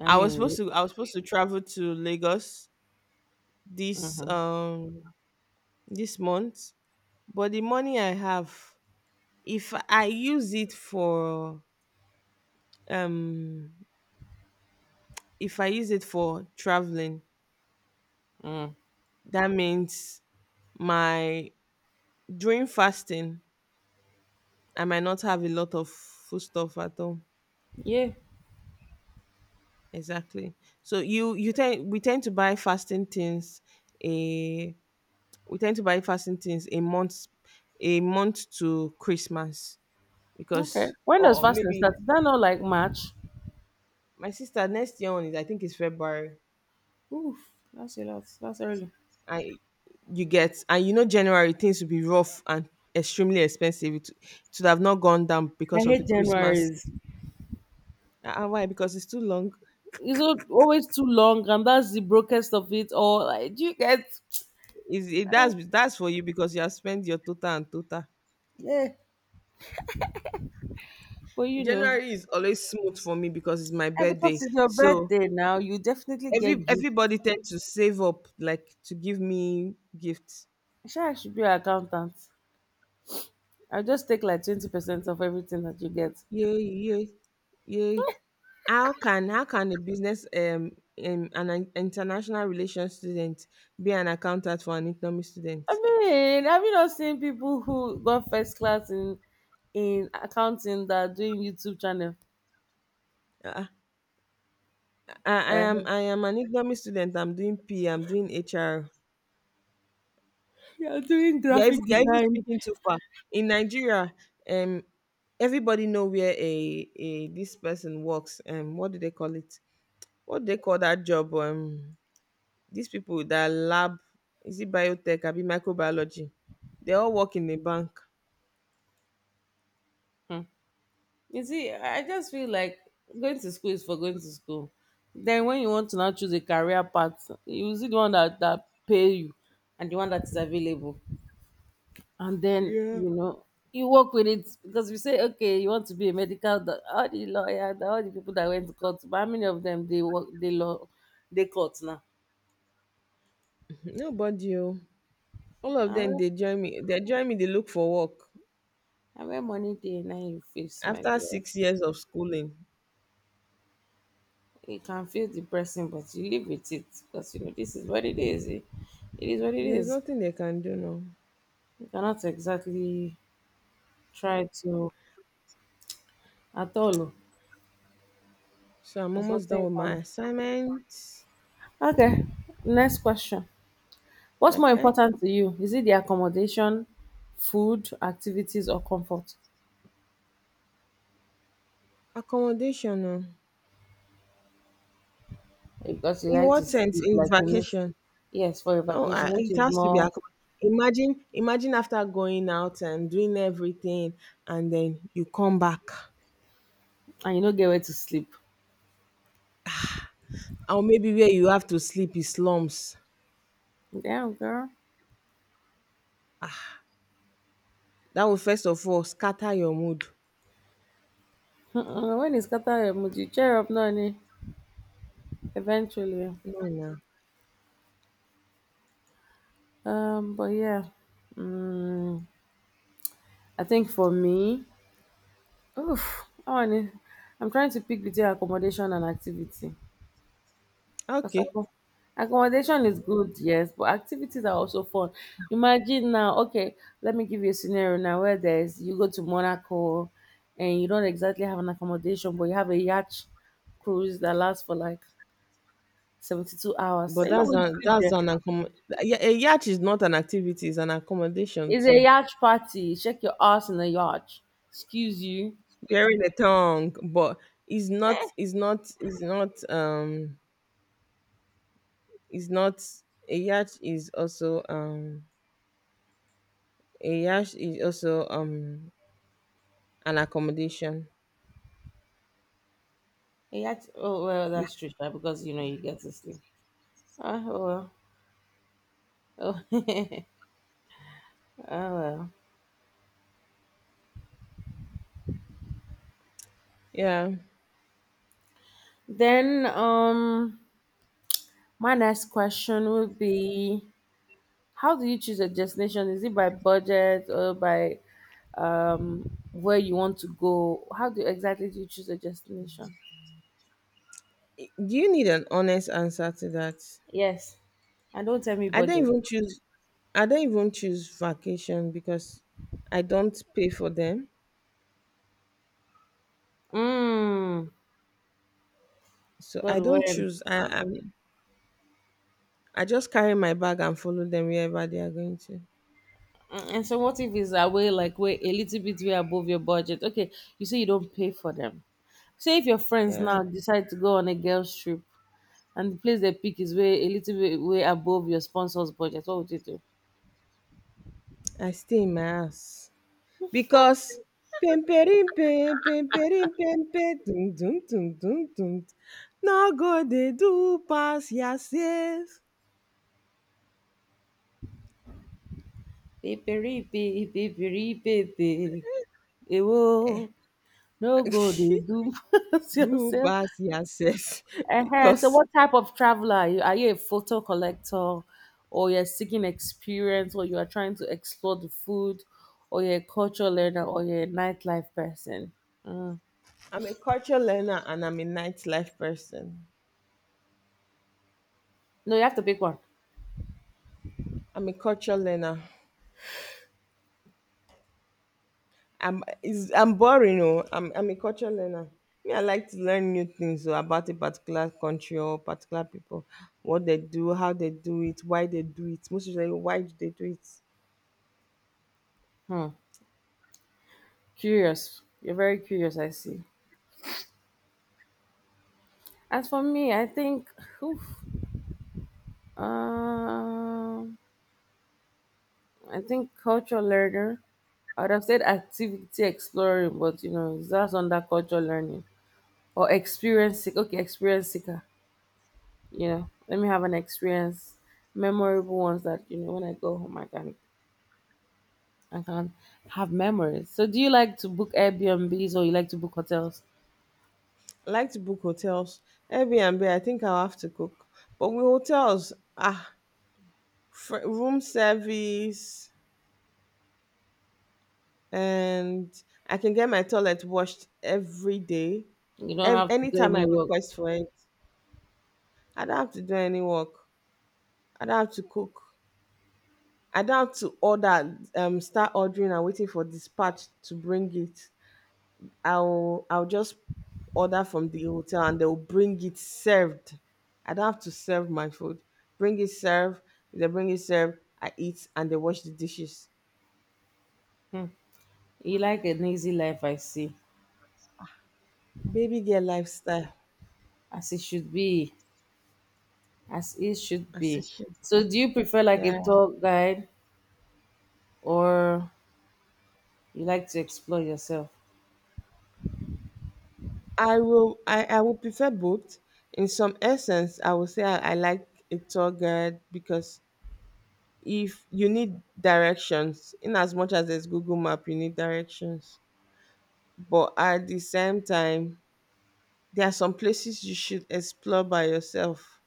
B: I mean,
A: I was supposed to travel to Lagos this
B: mm-hmm.
A: um this month, but the money I have, if I use it for um if I use it for traveling,
B: Mm.
A: that means my during fasting I might not have a lot of food stuff at all.
B: Yeah.
A: Exactly. So you tend a we tend to buy fasting things a month, a month to Christmas.
B: Okay.
A: Because
B: When does
A: or
B: fasting
A: maybe
B: start? Is that not like March?
A: my sister next year on is I think it's February.
B: Oof, that's a lot. That's early.
A: I you get and you know January things will be rough and extremely expensive. It should have not gone down
B: I
A: because of the
B: hate
A: Christmas.
B: January's.
A: And why? Because it's too long.
B: It's always too long, and that's the brokest of it all. Like, do you get?
A: Is it, that's for you because you have spent your total and total.
B: Yeah, but you know,
A: January is always smooth for me because it's my
B: and because
A: birthday.
B: it's your
A: So
B: birthday now, you definitely get gift.
A: everybody tends to save up like to give me gifts.
B: Sure, I should be an accountant. I'll just take like 20% of everything that you get.
A: Yay, yay, yay. How can a business an international relations student be an accountant for an economy student?
B: I mean, have you not seen people who got first class in accounting that are doing YouTube channel?
A: Uh, uh,
B: Uh,
A: I am an economy student. I'm doing P. I'm doing HR.
B: you're doing graphic
A: You're even
B: design.
A: speaking too far. In Nigeria, um, everybody know where a this person works. What do they call it? What do they call that job? These people that lab, is it biotech, I be microbiology, they all work in a bank.
B: You see, I just feel like going to school is for going to school. Then when you want to now choose a career path, you see the one that pay you and the one that is available. And then,
A: Yeah.
B: you know, you work with it because we say, okay, you want to be a medical all the lawyer, all the people that went to court, but how many of them they work they law they court now?
A: Nobody, oh. All of
B: And
A: them,
B: where,
A: they join me. They join me. They look for work
B: and where money day now you face, my
A: after
B: dear.
A: 6 years of schooling.
B: It can feel depressing, but you live with it because you know this is what it is. It is what it
A: There's
B: is.
A: nothing they can do now.
B: You cannot exactly try to at all.
A: So I'm
B: It's
A: almost
B: nothing
A: done
B: you
A: with my
B: can.
A: assignments.
B: Okay, next question. What's more
A: Okay,
B: important to you? Is it the accommodation, food, activities, or comfort?
A: accommodation. Oh.
B: Because you
A: In
B: like to
A: what sense?
B: sleep,
A: In
B: like you make.
A: vacation?
B: Yes, for your
A: No,
B: vacation,
A: I,
B: which
A: it
B: is
A: has to be
B: more,
A: accommodation. Imagine after going out and doing everything, and then you come back.
B: and you don't get where to sleep.
A: Or maybe where you have to sleep is slums.
B: Damn, girl.
A: That will first of all scatter your mood.
B: Mm-mm, when it's Qatar emoji, cheer up, Nani. Eventually.
A: No, no.
B: Oh. But yeah. Mm, I think for me, oof, I'm trying to pick between accommodation and activity. Because
A: Okay.
B: accommodation is good, yes, but activities are also fun. Imagine now, okay, let me give you a scenario now where there's you go to Monaco and you don't exactly have an accommodation, but you have a yacht cruise that lasts for like 72 hours. So
A: But
B: you're not going to sleep
A: that's
B: there.
A: an yeah, a yacht is not an activity, it's an accommodation
B: It's a
A: too.
B: yacht party. Check your ass in a yacht. Excuse you.
A: Bearing the tongue, but it's not it's not, a yacht is also um a yacht is also an accommodation.
B: A yacht, oh, well, that's true, right? Because you know you get to sleep. Ah, oh, well. Oh, oh well.
A: Yeah.
B: Then my next question would be, how do you choose a destination? Is it by budget or by where you want to go? How do exactly do you choose a destination?
A: Do you need an honest answer to that?
B: Yes. And don't tell me
A: I don't
B: budget.
A: even choose I don't even choose vacation because I don't pay for them.
B: Mm,
A: So
B: God
A: I don't
B: when.
A: choose. I just carry my bag and follow them wherever they are going to.
B: And so what if it's away like way a little bit way above your budget? Okay, you say you don't pay for them. Say if your friends
A: Yeah.
B: now decide to go on a girls trip. And the place they pick is way a little bit way above your sponsor's budget. What would you do?
A: I stay in my house. Because pimperimpe, pimperimpe, dum dum dum dum dum. No go they do pass yourself.
B: Pipiripi, pipiripipi, ewo, no go dey do pass
A: Do
B: yourself.
A: pass yourself.
B: So,
A: Because
B: what type of traveler are you? Are you a photo collector, or you're seeking experience, or you are trying to explore the food, or you're a cultural learner, or you're a nightlife person? Mm.
A: I'm a culture learner and I'm a nightlife person.
B: No, you have to pick one.
A: I'm a culture learner. I'm boring, oh. I'm a culture learner. Me, I like to learn new things oh, about a particular country or particular people, what they do, how they do it, why they do it. Most usually, why do they do it?
B: Hmm. Curious. You're very curious, I see. As for me, oof, Um, I think culture learner. I would have said activity exploring, but you know that's under culture learning or experience. Okay, experience seeker. Let me have an experience, memorable ones that you know when I go home I can have memories. So, do you like to book Airbnbs or you like to book hotels?
A: I like to book hotels. Airbnb, I think I'll have to cook. But with hotels, ah, room service, and I can get my toilet washed every day,
B: You don't have to do
A: anytime I
B: any work.
A: request for it. I don't have to do any work. I don't have to cook. I don't have to start ordering and waiting for dispatch to bring it. I'll just order from the hotel and they'll bring it served. I don't have to serve my food. Bring it served. If they bring it served. I eat and they wash the dishes.
B: Hmm. You like an easy life, I see,
A: Baby girl lifestyle.
B: as it should be, as it should
A: I said
B: be.
A: shit.
B: So, do you prefer like
A: Yeah.
B: a tour guide? Or you like to explore yourself?
A: I will prefer both. In some essence, I will say I like a tour guide, because if you need directions, in as much as there's Google Map, you need directions. But at the same time, there are some places you should explore by yourself.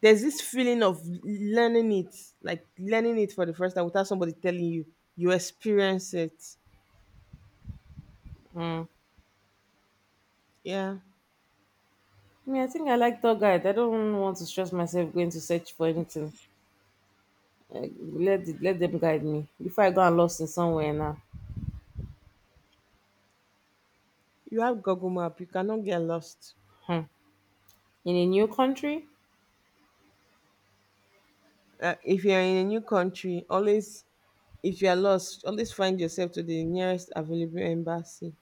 A: There's this feeling of learning it, like learning it for the first time without somebody telling you. You experience it.
B: Mm.
A: Yeah.
B: I mean, I think I like tour guide. I don't want to stress myself going to search for anything. Like, let them guide me before I go and lost in somewhere now.
A: You have Google Map, you cannot get lost.
B: Hmm. In a new country
A: If you're in a new country, always, if you're lost, always find yourself to the nearest available embassy.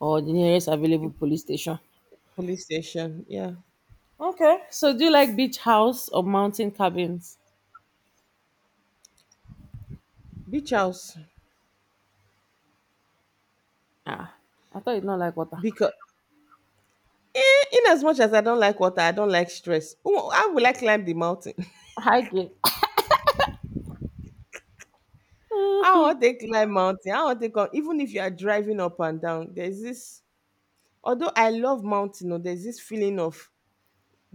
B: or the nearest available police station.
A: Police station, yeah.
B: Okay. So, do you like beach house or mountain cabins?
A: Beach house.
B: Ah, I thought you don't like water.
A: Because in as much as I don't like water, I don't like stress. How will I climb the mountain?
B: Hiking
A: I want to climb mountain? I want to come? Even if you are driving up and down, there's this. Although I love mountain, oh, there's this feeling of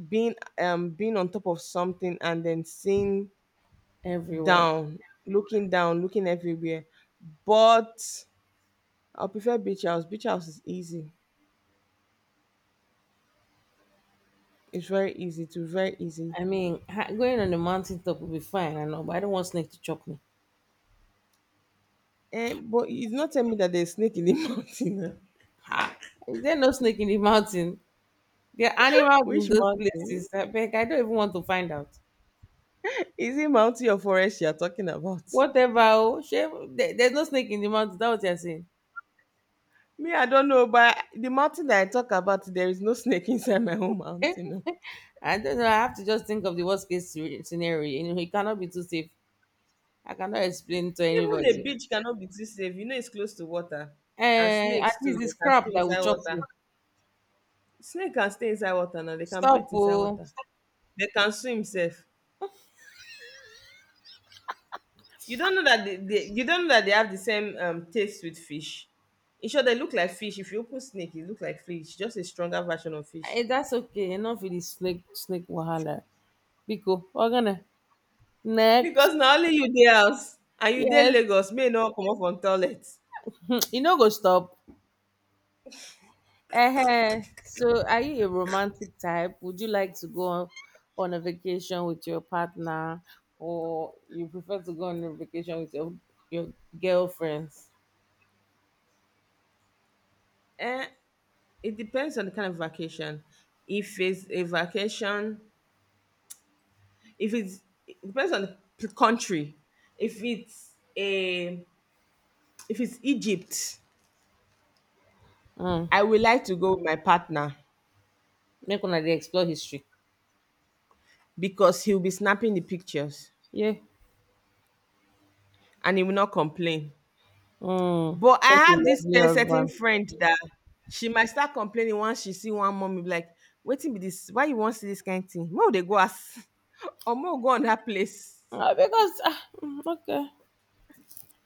A: being on top of something and then seeing
B: everywhere.
A: down, down, looking everywhere. But I prefer beach house. Beach house is easy. It's very easy. It's very easy.
B: I mean, going on the mountain top will be fine. I know, but I don't want snake to chop me.
A: But it's not telling me that there's snake in the mountain. Eh.
B: Ha! Is there no snake in the mountain? There are animals in
A: Which
B: those
A: mountain?
B: places. I beg, I don't even want to find out.
A: Is it mountain or forest you are talking about?
B: Whatever, oh, shame. There's no snake in the mountain. That's what you're saying.
A: Me, I don't know, but the mountain that I talk about, there is no snake inside my own mountain, no.
B: I don't know. I have to just think of the worst case scenario. You know, it cannot be too safe. I cannot explain to
A: Even a
B: anybody.
A: beach cannot be too safe. You know, it's close to water, and
B: Eh, at
A: snakes too.
B: least
A: They
B: this
A: can stay
B: crap that will
A: inside
B: chop
A: water.
B: you.
A: Snake can stay inside water now. They can
B: Stop,
A: breathe inside
B: oh.
A: water. They can swim safe. You don't know that they you don't know that they have the same taste with fish. In short, they look like fish. If you open snake, it look like fish, just a stronger version of fish.
B: Eh, that's okay. Enough with the snake, snake wahala. Biko, we're gonna next.
A: Because na only you dey house and you dey
B: Yes,
A: Lagos may you no comot from toilet.
B: you know, go stop. So, are you a romantic type? Would you like to go on a vacation with your partner, or you prefer to go on a vacation with your your girlfriends?
A: eh it depends on the kind of vacation. If it's a vacation if it's It depends on the country. if it's a if it's Egypt,
B: Mm.
A: I will like to go with my partner,
B: Make una dey explore history.
A: because he will be snapping the pictures,
B: Yeah.
A: and he will not complain.
B: Mm.
A: But I
B: Such a
A: have this
B: lovely
A: certain
B: husband.
A: friend that she might start complaining once she see one mommy, be like, waiting be this, why you want see this kind thing? More they go ask or more go on that place.
B: Ah, because ah, mm, okay.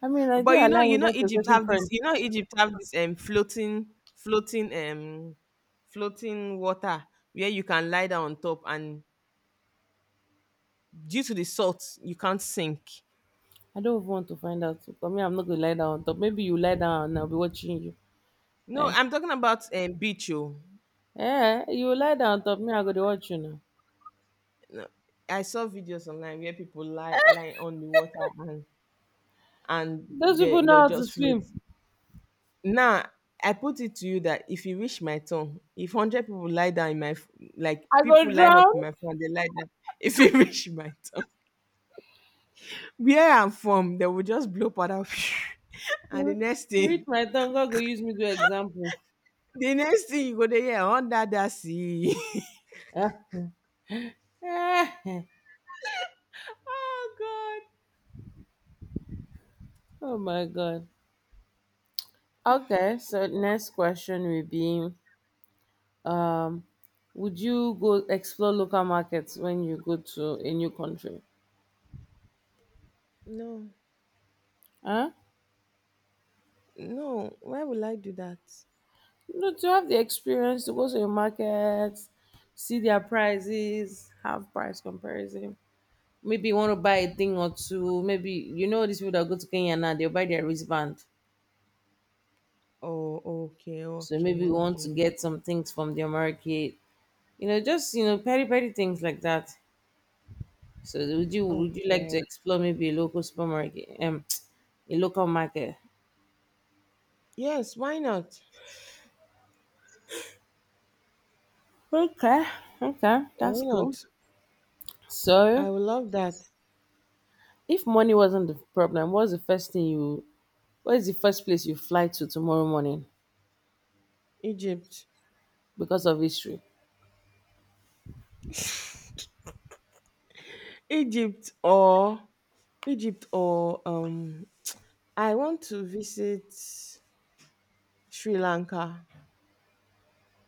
B: I mean, I do
A: But
B: align
A: you
B: with
A: know
B: that your
A: Egypt
B: certain
A: have this,
B: friend.
A: you know Egypt have this floating, floating, um floating water where you can lie down on top, and due to the salt, you can't sink.
B: I don't even want to find out. For me, I'm not gonna lie down on top. Maybe you lie down and I'll be watching you.
A: No,
B: Eh,
A: I'm talking about beach. Oh.
B: eh, you lie down on top. Me, I'm gonna watch you now.
A: No, I saw videos online where people lie on the water and. and
B: Those
A: they
B: people
A: they'll
B: know how to
A: just float.
B: swim.
A: Now I put it to you that if you reach my tongue, if 100 people lie down in my like
B: I
A: people
B: go
A: line up
B: drown.
A: in my front, they lie down. If you reach my tongue, where I'm from, they will just blow powder, and
B: Hmm. Reach my tongue. God go use me to example.
A: the next thing you go there, yeah, under that sea.
B: Ah. Ah.
A: Oh God,
B: Oh my God. Okay, so next question will be um would you go explore local markets when you go to a new country?
A: no,
B: Huh?
A: no. Why will I do that?
B: No, to have the experience to go to a market, see their prices, have price comparison. Maybe you want to buy a thing or two. Maybe you know these people that go to Kenya now, they'll buy their wristband.
A: Oh, okay,
B: So
A: okay,
B: maybe you want to
A: okay,
B: get some things from the market. You know, just petty petty things like that. So would you like
A: okay.
B: to explore maybe a local supermarket a local market?
A: Yes, why not?
B: Okay, okay,
A: Why
B: that's cool.
A: not?
B: So
A: I would love that.
B: if money wasn't the problem, what is the first place you fly to tomorrow morning
A: Egypt.
B: because of history?
A: Egypt or Egypt or um I want to visit Sri Lanka.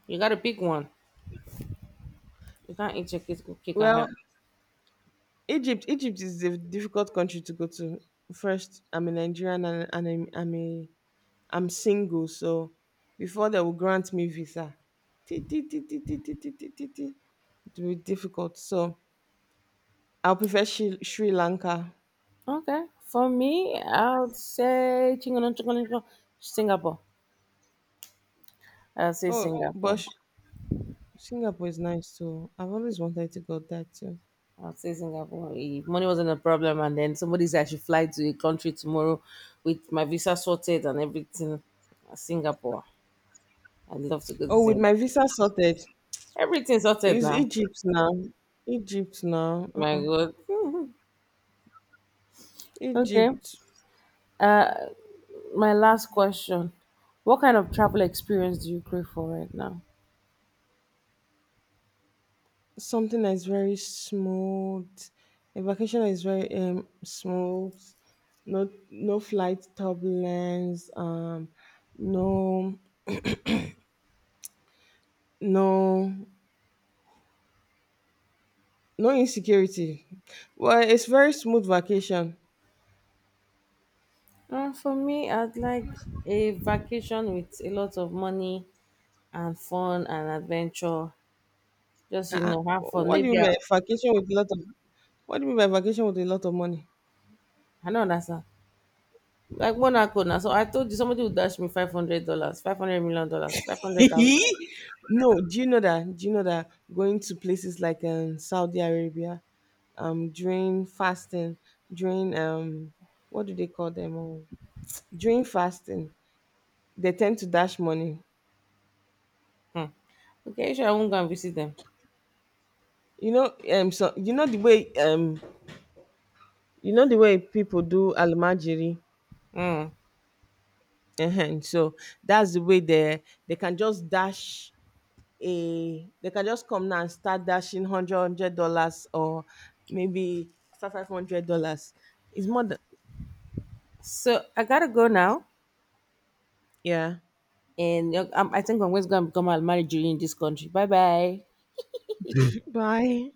B: You gotta pick one. You can't eat your cake and
A: Well,
B: have it.
A: Egypt is a difficult country to go to. First, I'm a Nigerian, and I'm single, so before they will grant me visa. Ti- ti- ti- ti- ti- ti- ti- ti- ti- ti. It will be difficult. So I'll prefer Sri Lanka.
B: Okay. For me, I would say Singapore. I'll say
A: Oh, but
B: Singapore.
A: Singapore is nice too. I've always wanted to go there too.
B: I would say Singapore. If money wasn't a problem, and then somebody said I should fly to a country tomorrow with my visa sorted and everything. Singapore. I'd love to go to
A: Oh, with my
B: Singapore.
A: visa sorted,
B: Everything sorted
A: is
B: now.
A: Egypt now. Egypt now.
B: My
A: Uh-uh.
B: God. Okay.
A: Egypt.
B: Uh, my last question. What kind of travel experience do you crave for right now?
A: Something that is very smooth. A vacation that is very smooth. No flight turbulence. No no no insecurity. Well, it's very smooth vacation.
B: For me, I'd like a vacation with a lot of money and fun and adventure. Just, you
A: Uh-uh.
B: know, have fun.
A: What do you mean by vacation with a lot of What do you mean by vacation with a lot of money?
B: I don't understand. Like one account, Kona. So I told you somebody would dash me $500, $500 million, 500,000.
A: No, do you know that? Do you know that going to places like Saudi Arabia, during fasting, during what do they call them? During fasting, they tend to dash money.
B: Hmm. Okay, sure. I won't go and visit them.
A: You know, so you know the way people do almajiri.
B: Hmm.
A: So that's the way they can just dash a they can just come now and start dashing hundred hundred dollars, or maybe start $500. It's more than.
B: So I gotta go now,
A: Yeah.
B: and I think I'm going to go and become a married in this country. Bye bye.
A: Bye.